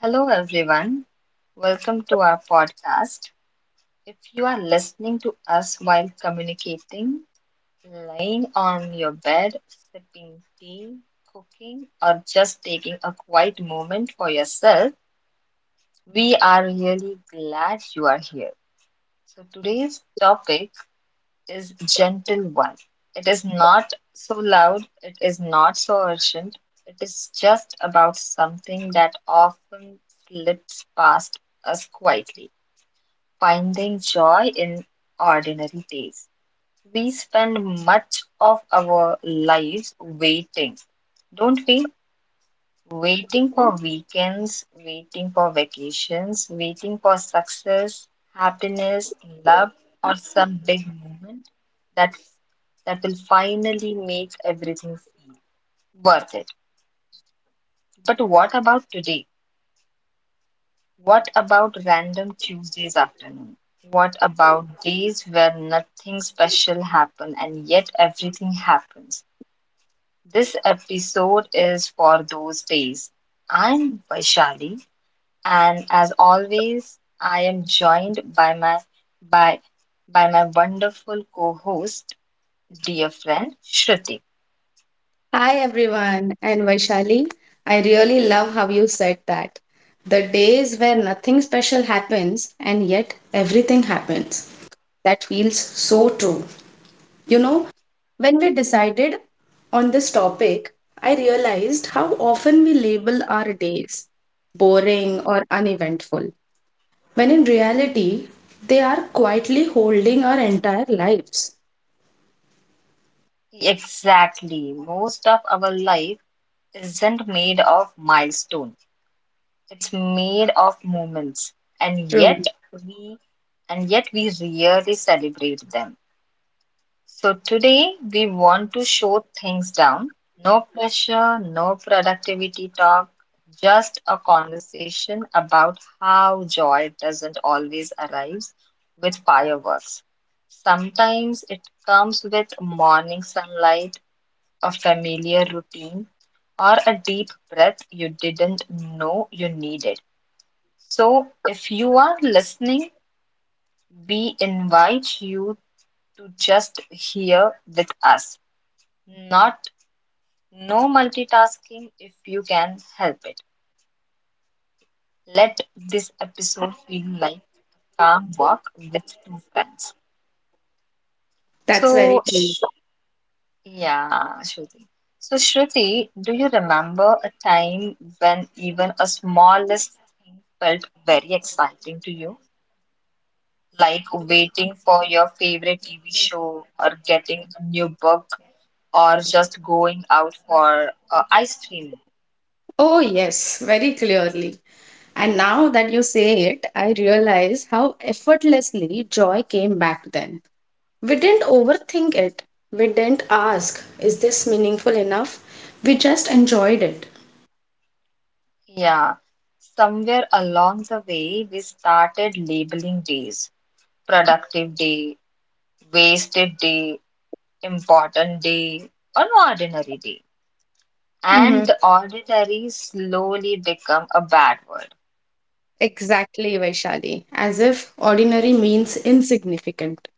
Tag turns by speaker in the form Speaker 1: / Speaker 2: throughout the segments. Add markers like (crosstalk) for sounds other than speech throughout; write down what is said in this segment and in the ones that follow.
Speaker 1: Hello, everyone. Welcome to our podcast. If you are listening to us while communicating, lying on your bed, sipping tea, cooking, or just taking a quiet moment for yourself, we are really glad you are here. So, today's topic is gentle one. It is not so loud, it is not so urgent, it is just about something that often slips past us quietly finding joy in ordinary days. We spend much of our lives waiting, don't we? Waiting for weekends, waiting for vacations, waiting for success, happiness, love, or some big moment that that will finally make everything worth it. But what about today? What about random Tuesdays afternoon? What about days where nothing special happens and yet everything happens? This episode is for those days. I'm Vaishali, and as always, I am joined by by my wonderful co-host, dear friend Shruti.
Speaker 2: Hi everyone, and Vaishali, I really love how you said that. The days where nothing special happens and yet everything happens. That feels so true. You know, when we decided on this topic, I realized how often we label our days boring or uneventful, when in reality, they are quietly holding our entire lives.
Speaker 1: Exactly. Most of our life isn't made of milestones. It's made of moments, and yet
Speaker 2: True.
Speaker 1: we and yet we rarely celebrate them. So today we want to show things down. No pressure, no productivity talk, just a conversation about how joy doesn't always arrive with fireworks. Sometimes it comes with morning sunlight, a familiar routine, or a deep breath you didn't know you needed. So, if you are listening, we invite you to just hear with us. Not No multitasking if you can help it. Let this episode feel like calm walk with two friends.
Speaker 2: That's very
Speaker 1: So,
Speaker 2: true.
Speaker 1: sh yeah, Shruti. So, Shruti, do you remember a time when even a smallest thing felt very exciting to you? Like waiting for your favorite TV show or getting a new book or just going out for ice cream.
Speaker 2: Oh, yes, very clearly. And now that you say it, I realize how effortlessly joy came back then. We didn't overthink it. We didn't ask, is this meaningful enough? We just enjoyed it.
Speaker 1: Yeah, somewhere along the way, we started labeling days productive day, wasted day, important day, or an ordinary day.
Speaker 2: Hmm.
Speaker 1: And the ordinary slowly become a bad word.
Speaker 2: Exactly, Vaishali. As if ordinary means insignificant.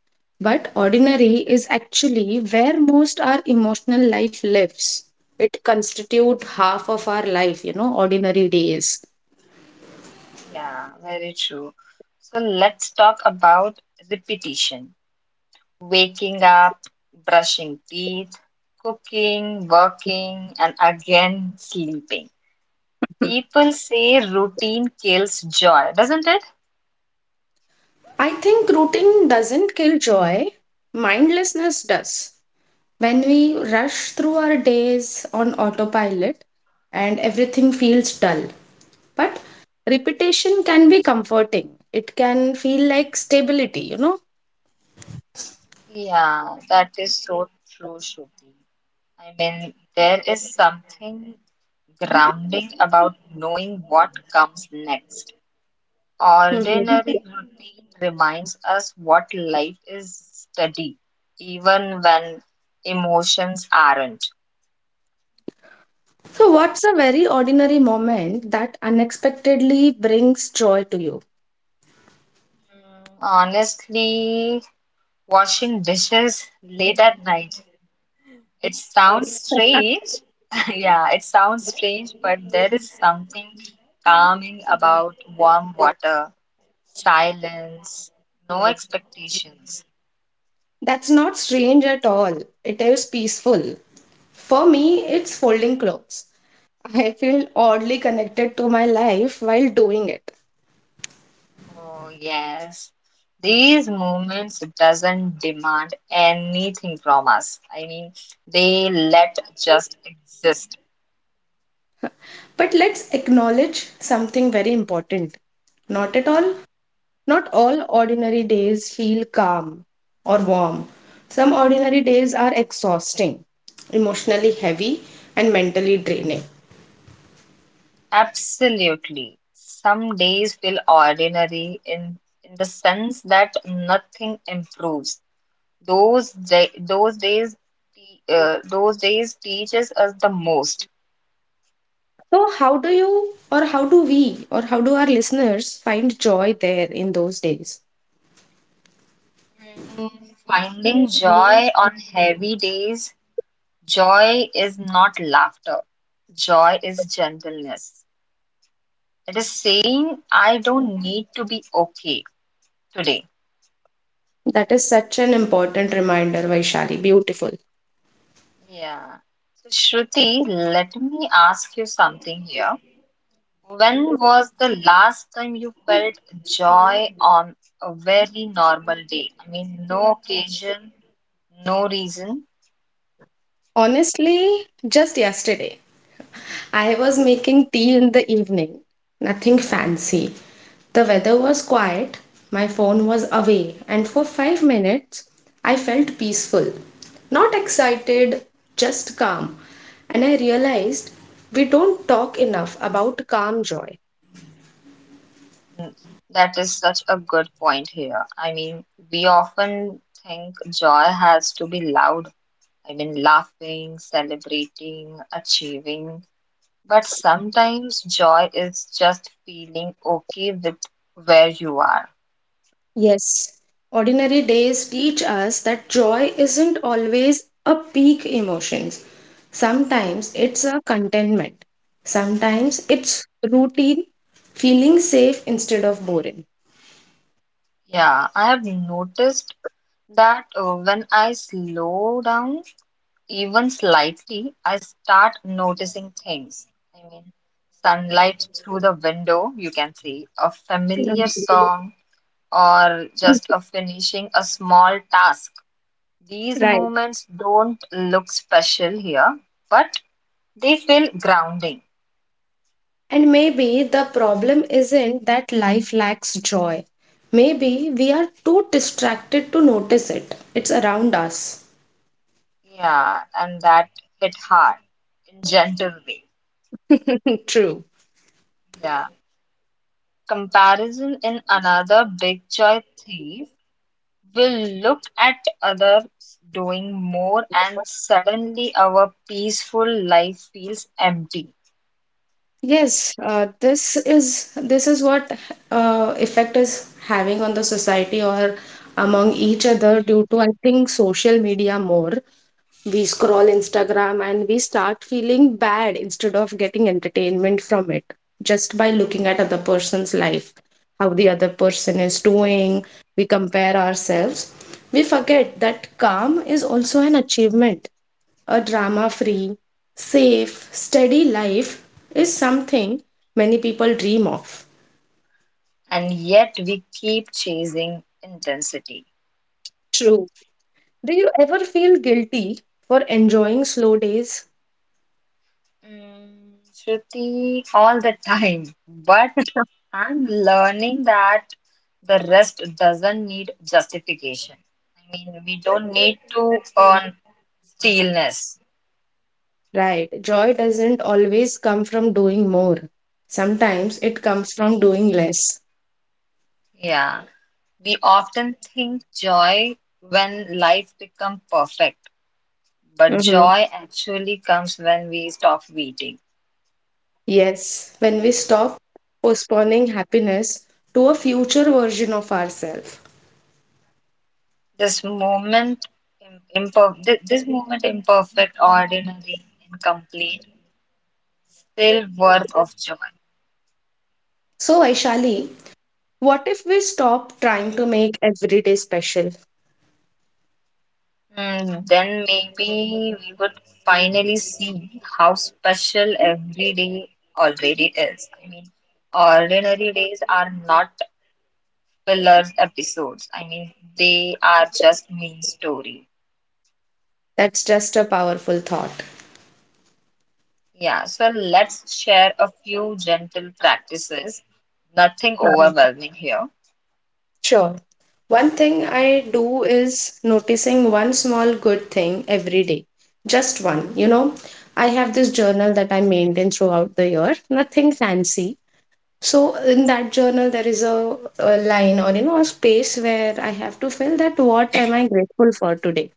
Speaker 2: But ordinary is actually where most our emotional life lives. It constitutes half of our life, you know, ordinary days.
Speaker 1: Yeah, very true. So let's talk about repetition waking up, brushing teeth, cooking, working, and again sleeping. People say routine kills joy, doesn't it?
Speaker 2: I think routine doesn't kill joy, mindlessness does. When we rush through our days on autopilot and everything feels dull. But repetition can be comforting, it can feel like stability, you know?
Speaker 1: Yeah, that is so true, Shruti. I mean, there is something grounding about knowing what comes next.
Speaker 2: Mhm.
Speaker 1: Ordinary routine reminds us what life is steady, even when emotions aren't.
Speaker 2: So, what's a very ordinary moment that unexpectedly brings joy to you?
Speaker 1: Honestly, washing dishes late at night. It sounds strange. (laughs) Yeah, it sounds strange, but there is something calming about warm water, silence, no expectations.
Speaker 2: That's not strange at all. It is peaceful. For me, it's folding clothes. I feel oddly connected to my life while doing it.
Speaker 1: Oh, yes. These moments doesn't demand anything from us. I mean, they let just exist.
Speaker 2: But let's acknowledge something very important. Not at all, not all ordinary days feel calm or warm. Some ordinary days are exhausting, emotionally heavy, and mentally draining.
Speaker 1: Absolutely. Some days feel ordinary in the sense that nothing improves. Those day, those days te- Those days teaches us the most.
Speaker 2: So, how do you, or how do we, or how do our listeners find joy there in those days?
Speaker 1: Finding joy on heavy days, joy is not laughter. Joy is gentleness. It is saying I don't need to be okay today.
Speaker 2: That is such an important reminder, Vaishali. Beautiful.
Speaker 1: Yeah. So Shruti, let me ask you something here. When was the last time you felt joy on a very normal day? I mean, no occasion, no reason.
Speaker 2: Honestly, just yesterday. I was making tea in the evening, nothing fancy. The weather was quiet, my phone was away, and for 5 minutes I felt peaceful. Not excited, just calm. And I realized we don't talk enough about calm joy.
Speaker 1: That is such a good point here. I mean, we often think joy has to be loud. I mean, laughing, celebrating, achieving. But sometimes joy is just feeling okay with where you are.
Speaker 2: Yes, ordinary days teach us that joy isn't always a peak emotion. Sometimes it's a contentment. Sometimes it's routine, feeling safe instead of boring.
Speaker 1: Yeah, I have noticed that when I slow down, even slightly, I start noticing things. I mean, sunlight through the window, you can see a familiar song or just a finishing a small task. These
Speaker 2: Right.
Speaker 1: moments don't look special here, but they feel grounding.
Speaker 2: And maybe the problem isn't that life lacks joy. Maybe we are too distracted to notice it. It's around us.
Speaker 1: Yeah, and that hit hard in gentle way.
Speaker 2: (laughs) True.
Speaker 1: Yeah. Comparison in another big joy thief. We'll look at others doing more, and suddenly our peaceful life feels empty,
Speaker 2: Yes, this is what effect is having on the society or among each other due to I think social media more. We scroll Instagram and we start feeling bad instead of getting entertainment from it just by looking at other person's life, how the other person is doing. We compare ourselves. We forget that calm is also an achievement, a drama free, safe, steady life is something many people dream of.
Speaker 1: and yet we keep chasing intensity.
Speaker 2: True. Do you ever feel guilty for enjoying slow days?
Speaker 1: Shruti, all the time. But I'm learning that the rest doesn't need justification. I mean, we don't need to earn stillness.
Speaker 2: Right, joy doesn't always come from doing more, sometimes it comes from doing less.
Speaker 1: Yeah. We often think joy when life becomes perfect. But
Speaker 2: Mm-hmm.
Speaker 1: joy actually comes when we stop waiting.
Speaker 2: Yes, when we stop postponing happiness to a future version of ourselves.
Speaker 1: This moment, this moment, imperfect, ordinary, incomplete, still worth of joy.
Speaker 2: So, Aishali, what if we stop trying to make every day special?
Speaker 1: Hmm, then maybe we would finally see how special every day already is. I mean, ordinary days are not filler episodes. I mean, they are just main stories.
Speaker 2: That's just a powerful thought.
Speaker 1: Yeah, so let's share a few gentle practices. Nothing overwhelming here.
Speaker 2: Sure. One thing I do is noticing one small good thing every day. Just one. You know, I have this journal that I maintain throughout the year, nothing fancy. So, in that journal, there is a line or, you know, a space where I have to fill that what am I grateful for today.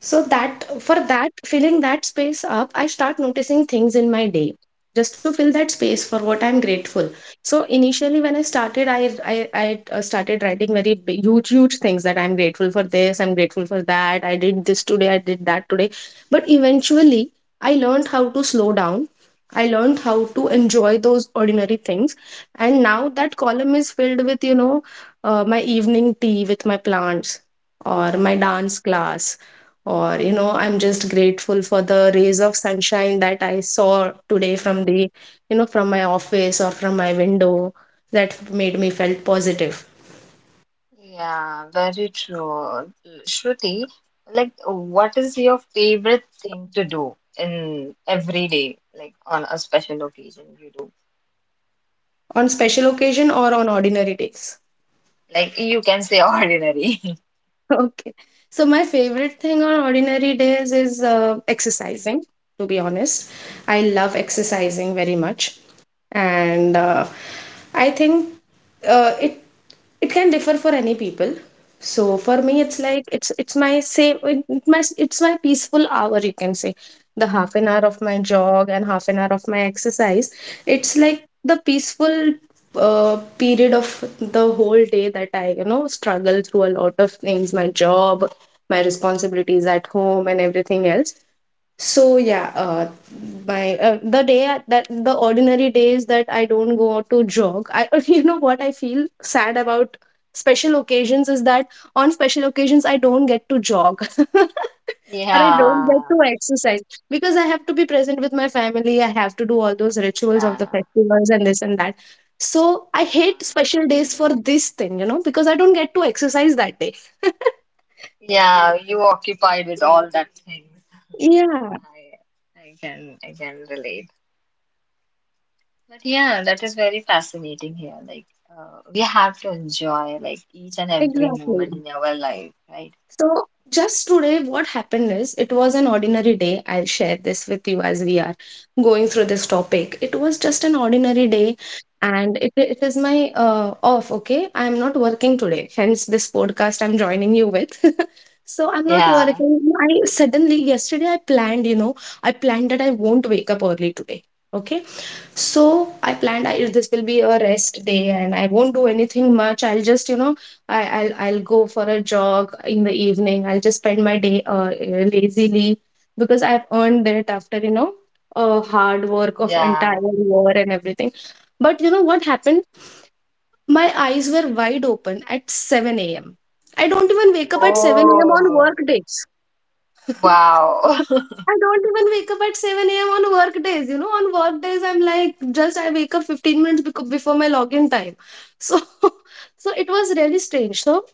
Speaker 2: So that for that filling that space up, I start noticing things in my day just to fill that space for what I'm grateful. So initially, when I started, I started writing very big, huge things that I'm grateful for this, I'm grateful for that. I did this today, I did that today. But eventually, I learned how to slow down. I learned how to enjoy those ordinary things, and now that column is filled with, you know, my evening tea with my plants or my dance class or, you know, I'm just grateful for the rays of sunshine that I saw today from the, you know, from my office or from my window that made me felt positive
Speaker 1: Yeah, very true. Shruti, like, what is your favorite thing to do in every day, like on a special occasion you do?
Speaker 2: on special occasion or on ordinary days.
Speaker 1: Like you can say ordinary. (laughs)
Speaker 2: (laughs) Okay, so my favorite thing on ordinary days is exercising, to be honest. I love exercising very much. And I think uh, it it can differ for any people. So for me it's like it's my same it- my it's my peaceful hour, you can say. The half an hour of my jog and half an hour of my exercise, it's like the peaceful period of the whole day that I, you know, struggle through a lot of things, my job, my responsibilities at home and everything else. So yeah, my the ordinary days that I don't go out to jog, I (laughs) you know what I feel sad about special occasions is that on special occasions I don't get to jog. (laughs) Or I don't get to
Speaker 1: Yeah,
Speaker 2: exercise because I have to be present with my family. I have to do all those rituals of
Speaker 1: yeah,
Speaker 2: the festivals and this and that. So I hate
Speaker 1: yeah.
Speaker 2: special days for this thing, you know, because I don't get to exercise that day. (laughs)
Speaker 1: Yeah, you occupied with all that things.
Speaker 2: Yeah,
Speaker 1: I, I can relate. But yeah, that is very fascinating here. Like, we have to enjoy like each and every moment
Speaker 2: exactly.
Speaker 1: in our life, right?
Speaker 2: So just today, what happened is it was an ordinary day. I'll share this with you as we are going through this topic. It was just an ordinary day, and it is my off. Okay, I am not working today. Hence, this podcast I'm joining you with. (laughs) So I'm not
Speaker 1: Yeah,
Speaker 2: working. I suddenly yesterday I planned. You know, I planned that I won't wake up early today. Okay, so I planned I, this will be a rest day and I won't do anything much. I'll just, you know, I'll go for a jog in the evening. I'll just spend my day lazily because I've earned it after, you know, hard work of
Speaker 1: yeah.
Speaker 2: entire year and everything. But you know what happened? My eyes were wide open at 7 a.m. I don't even wake up at 7 a.m. on
Speaker 1: Oh,
Speaker 2: work days. (laughs)
Speaker 1: wow. (laughs)
Speaker 2: I don't even wake up at 7 a.m. on work days. You know, on work days, I'm like, just I wake up 15 minutes before my login time. So, (laughs) so it was really strange. So,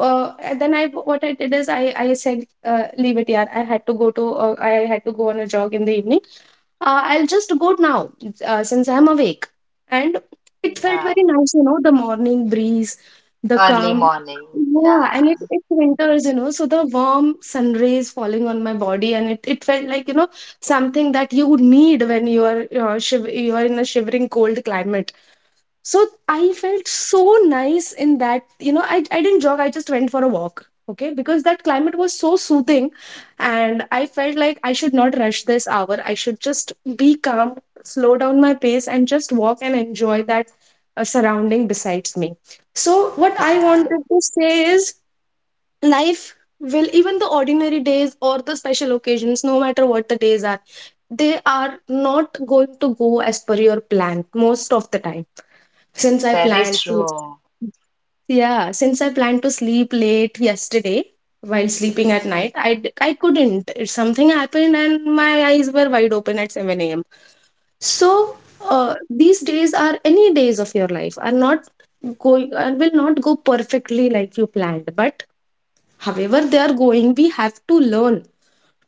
Speaker 2: what I did is I said, leave it, yeah. I had to go to, I had to go on a jog in the evening, I'll just go now, since I'm awake. And it felt
Speaker 1: Yeah,
Speaker 2: very nice, you know, the morning breeze, the
Speaker 1: early
Speaker 2: calm.
Speaker 1: morning.
Speaker 2: Yeah,
Speaker 1: Yeah,
Speaker 2: and it winters, you know, so the warm sun rays falling on my body, and it felt like, you know, something that you need when you are in a shivering cold climate. So I felt so nice in that, you know, I didn't jog, I just went for a walk. Okay, because that climate was so soothing, and I felt like I should not rush this hour, I should just be calm, slow down my pace and just walk and enjoy that surrounding besides me. So what I
Speaker 1: yeah.
Speaker 2: wanted to say is life will, even the ordinary days or the special occasions, no matter what the days are, they are not going to go as per your plan most of the time. since I
Speaker 1: Very
Speaker 2: planned to,
Speaker 1: true.
Speaker 2: yeah, since I planned to sleep late yesterday, while sleeping at night, I couldn't. Something happened and my eyes were wide open at 7 a.m. So these days, are any days of your life are not going, will not go perfectly like you planned, but however they are going, we have to learn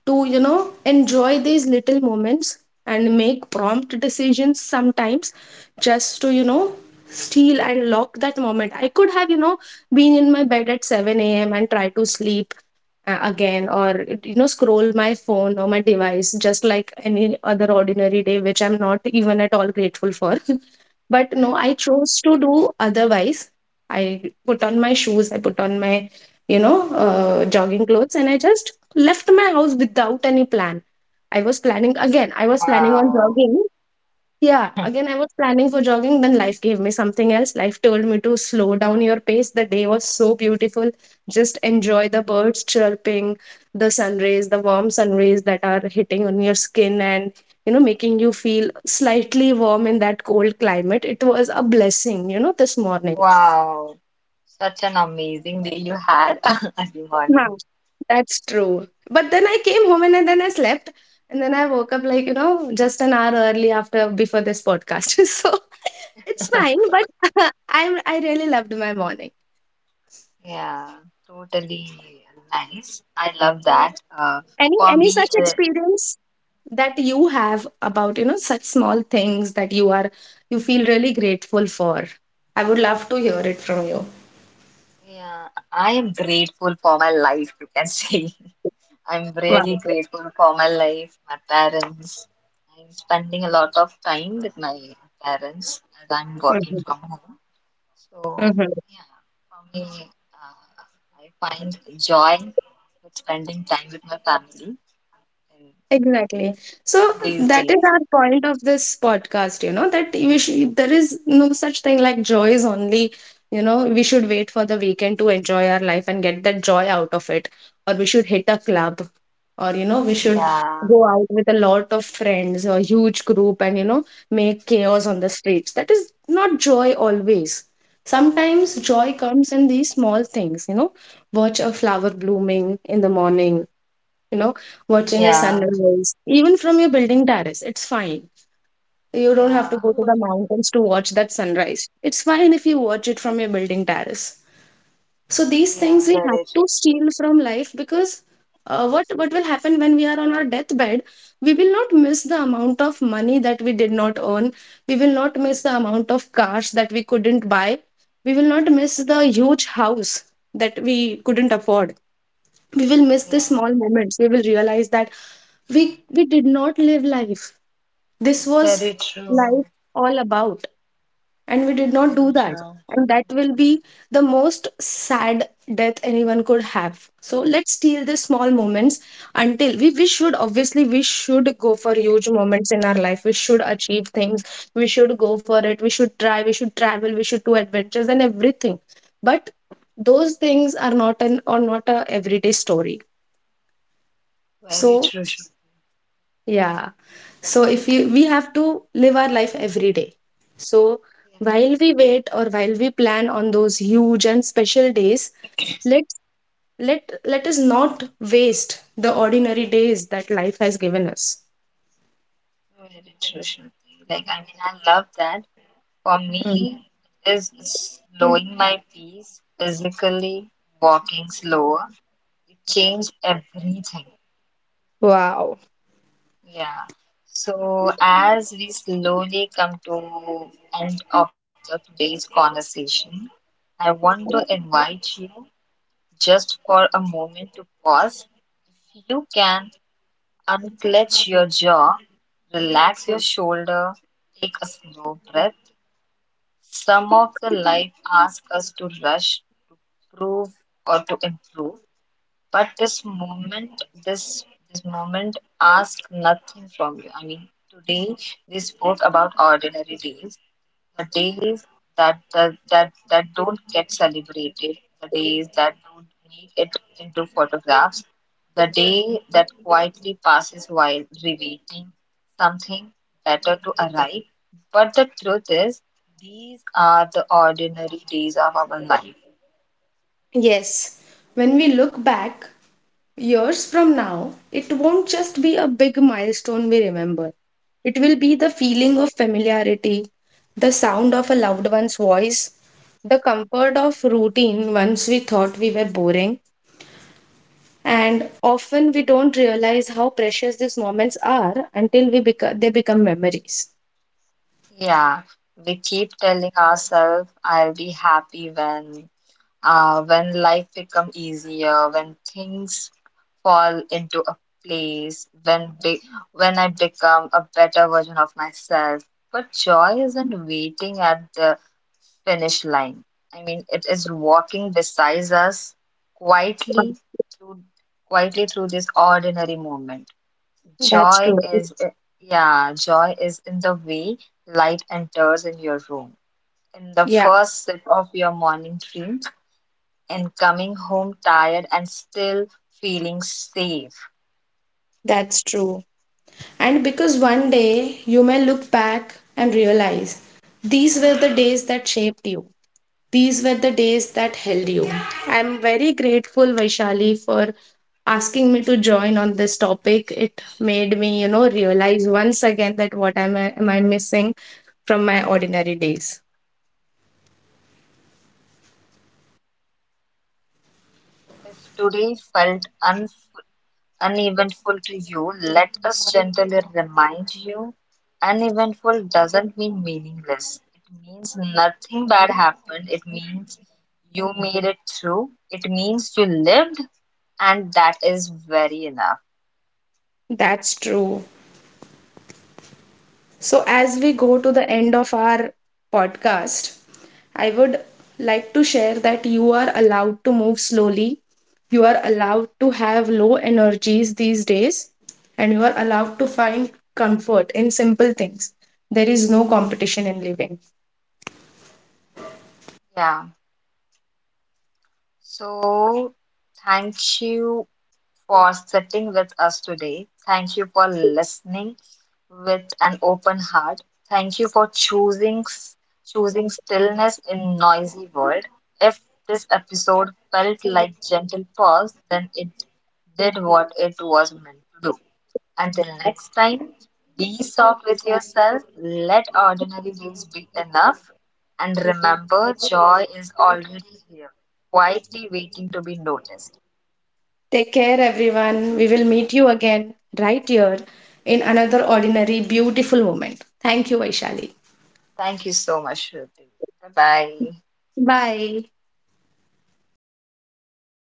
Speaker 2: to, you know, enjoy these little moments and make prompt decisions sometimes, just to, you know, steal and lock that moment. I could have, you know, been in my bed at 7 a.m and try to sleep again, or, you know, scroll my phone or my device just like any other ordinary day, which I'm not even at all grateful for. (laughs) But no, I chose to do otherwise. I put on my shoes, I put on my, you know, jogging clothes, and I just left my house without any plan. I was planning on
Speaker 1: Wow,
Speaker 2: jogging. Yeah,
Speaker 1: (laughs)
Speaker 2: again, I was planning for jogging, then life gave me something else. Life told me to slow down your pace. The day was so beautiful. Just enjoy the birds chirping, the sun rays, the warm sun rays that are hitting on your skin and, you know, making you feel slightly warm in that cold climate. It was a blessing, you know, this morning.
Speaker 1: wow. Such an amazing day you had. (laughs) Early morning.
Speaker 2: Huh. That's true. But then I came home and then I slept. And then I woke up like, you know, just an hour early after before this podcast. (laughs) So it's fine. But (laughs) I really loved my morning.
Speaker 1: Yeah, totally nice. I love that.
Speaker 2: Any
Speaker 1: For
Speaker 2: any
Speaker 1: me,
Speaker 2: such
Speaker 1: uh,
Speaker 2: experience that you have about, you know, such small things that you are, you feel really grateful for? I would love to hear it from you.
Speaker 1: Yeah, I am grateful for my life, you can say. (laughs) I'm really
Speaker 2: Wow.
Speaker 1: grateful for my life, my parents. I'm spending a lot of time with my parents as I'm working from home. So, yeah, for me, uh, I find joy with spending time with my family in,
Speaker 2: Exactly. So
Speaker 1: in these
Speaker 2: that is
Speaker 1: days.
Speaker 2: our point of this podcast, you know, that we should, there is no such thing like joy is only, you know, we should wait for the weekend to enjoy our life and get that joy out of it. Or we should hit a club, or, you know, we should
Speaker 1: Yeah,
Speaker 2: go out with a lot of friends or huge group and, you know, make chaos on the streets. That is not joy always. Sometimes joy comes in these small things, you know, watch a flower blooming in the morning, you know, watching a
Speaker 1: yeah,
Speaker 2: sunrise, even from your building terrace, it's fine. You don't have
Speaker 1: yeah,
Speaker 2: to go to the mountains to watch that sunrise. It's fine if you watch it from your building terrace. So these
Speaker 1: yeah,
Speaker 2: things we have
Speaker 1: very
Speaker 2: to
Speaker 1: true.
Speaker 2: steal from life, because what will happen when we are on our deathbed? We will not miss the amount of money that we did not earn. We will not miss the amount of cars that we couldn't buy. We will not miss the huge house that we couldn't afford. We will miss the small
Speaker 1: Yeah,
Speaker 2: moments. We will realize that we did not live life, this was
Speaker 1: very true,
Speaker 2: life all about, and we did not do
Speaker 1: very
Speaker 2: that,
Speaker 1: true.
Speaker 2: and that will be the most sad death anyone could have. So let's steal the small moments. Until we should obviously, we should go for huge moments in our life, we should achieve things, we should go for it, we should try, we should travel, we should do adventures and everything, but those things are not an, or not a, everyday story.
Speaker 1: Very
Speaker 2: So
Speaker 1: true.
Speaker 2: yeah. So if you we have to live our life every day. So
Speaker 1: Yeah,
Speaker 2: while we wait or while we plan on those huge and special days, let's let us not waste the ordinary days that life has given us.
Speaker 1: very interesting. Like, I mean, I love that. For
Speaker 2: Mm.
Speaker 1: me, is slowing my pace physically, walking slower. It changed everything.
Speaker 2: Wow.
Speaker 1: Yeah. So, as we slowly come to end of the today's conversation, I want to invite you just for a moment to pause. If you can unclench your jaw, relax your shoulder, take a slow breath. Some of the life asks us to rush, to prove, or to improve, but this moment asks nothing from you. I mean, today we spoke about ordinary days, the days that don't get celebrated, the days that don't make it into photographs, the day that quietly passes while rewaiting something better to arrive. But the truth is, these are the ordinary days of our life.
Speaker 2: Yes. When we look back, years from now, it won't just be a big milestone we remember. It will be the feeling of familiarity, the sound of a loved one's voice, the comfort of routine once we thought we were boring. And often we don't realize how precious these moments are until they become memories.
Speaker 1: Yeah, we keep telling ourselves, "I'll be happy when." When life become easier, when things fall into a place when I become a better version of myself. But joy isn't waiting at the finish line. I mean, it is walking beside us quietly through quietly through this ordinary moment.
Speaker 2: That's
Speaker 1: Joy
Speaker 2: true.
Speaker 1: is i- yeah, Joy is in the way light enters in your room, in the
Speaker 2: Yeah,
Speaker 1: first sip of your morning drink, and coming home tired and still feeling safe.
Speaker 2: that's true. And because one day you may look back and realize these were the days that shaped you. These were the days that held you. I'm very grateful, Vaishali, for asking me to join on this topic. It made me, you know, realize once again that what am am I missing from my ordinary days.
Speaker 1: If today felt un uneventful to you, let us gently remind you uneventful doesn't mean meaningless. It means nothing bad happened. It means you made it through. It means you lived, and that is very enough.
Speaker 2: That's true. So, as we go to the end of our podcast, I would like to share that you are allowed to move slowly, you are allowed to have low energies these days, and you are allowed to find comfort in simple things. There is no competition in living.
Speaker 1: Yeah. So, thank you for sitting with us today. Thank you for listening with an open heart. Thank you for choosing stillness in noisy world. If this episode felt like gentle pause, then it did what it was meant to do. Until next time, be soft with yourself. Let ordinary days be enough. And remember, joy is already here, quietly waiting to be noticed.
Speaker 2: Take care, everyone. We will meet you again right here in another ordinary, beautiful moment. Thank you, Vaishali.
Speaker 1: Thank you so much, Shruti. Bye bye.
Speaker 2: Bye.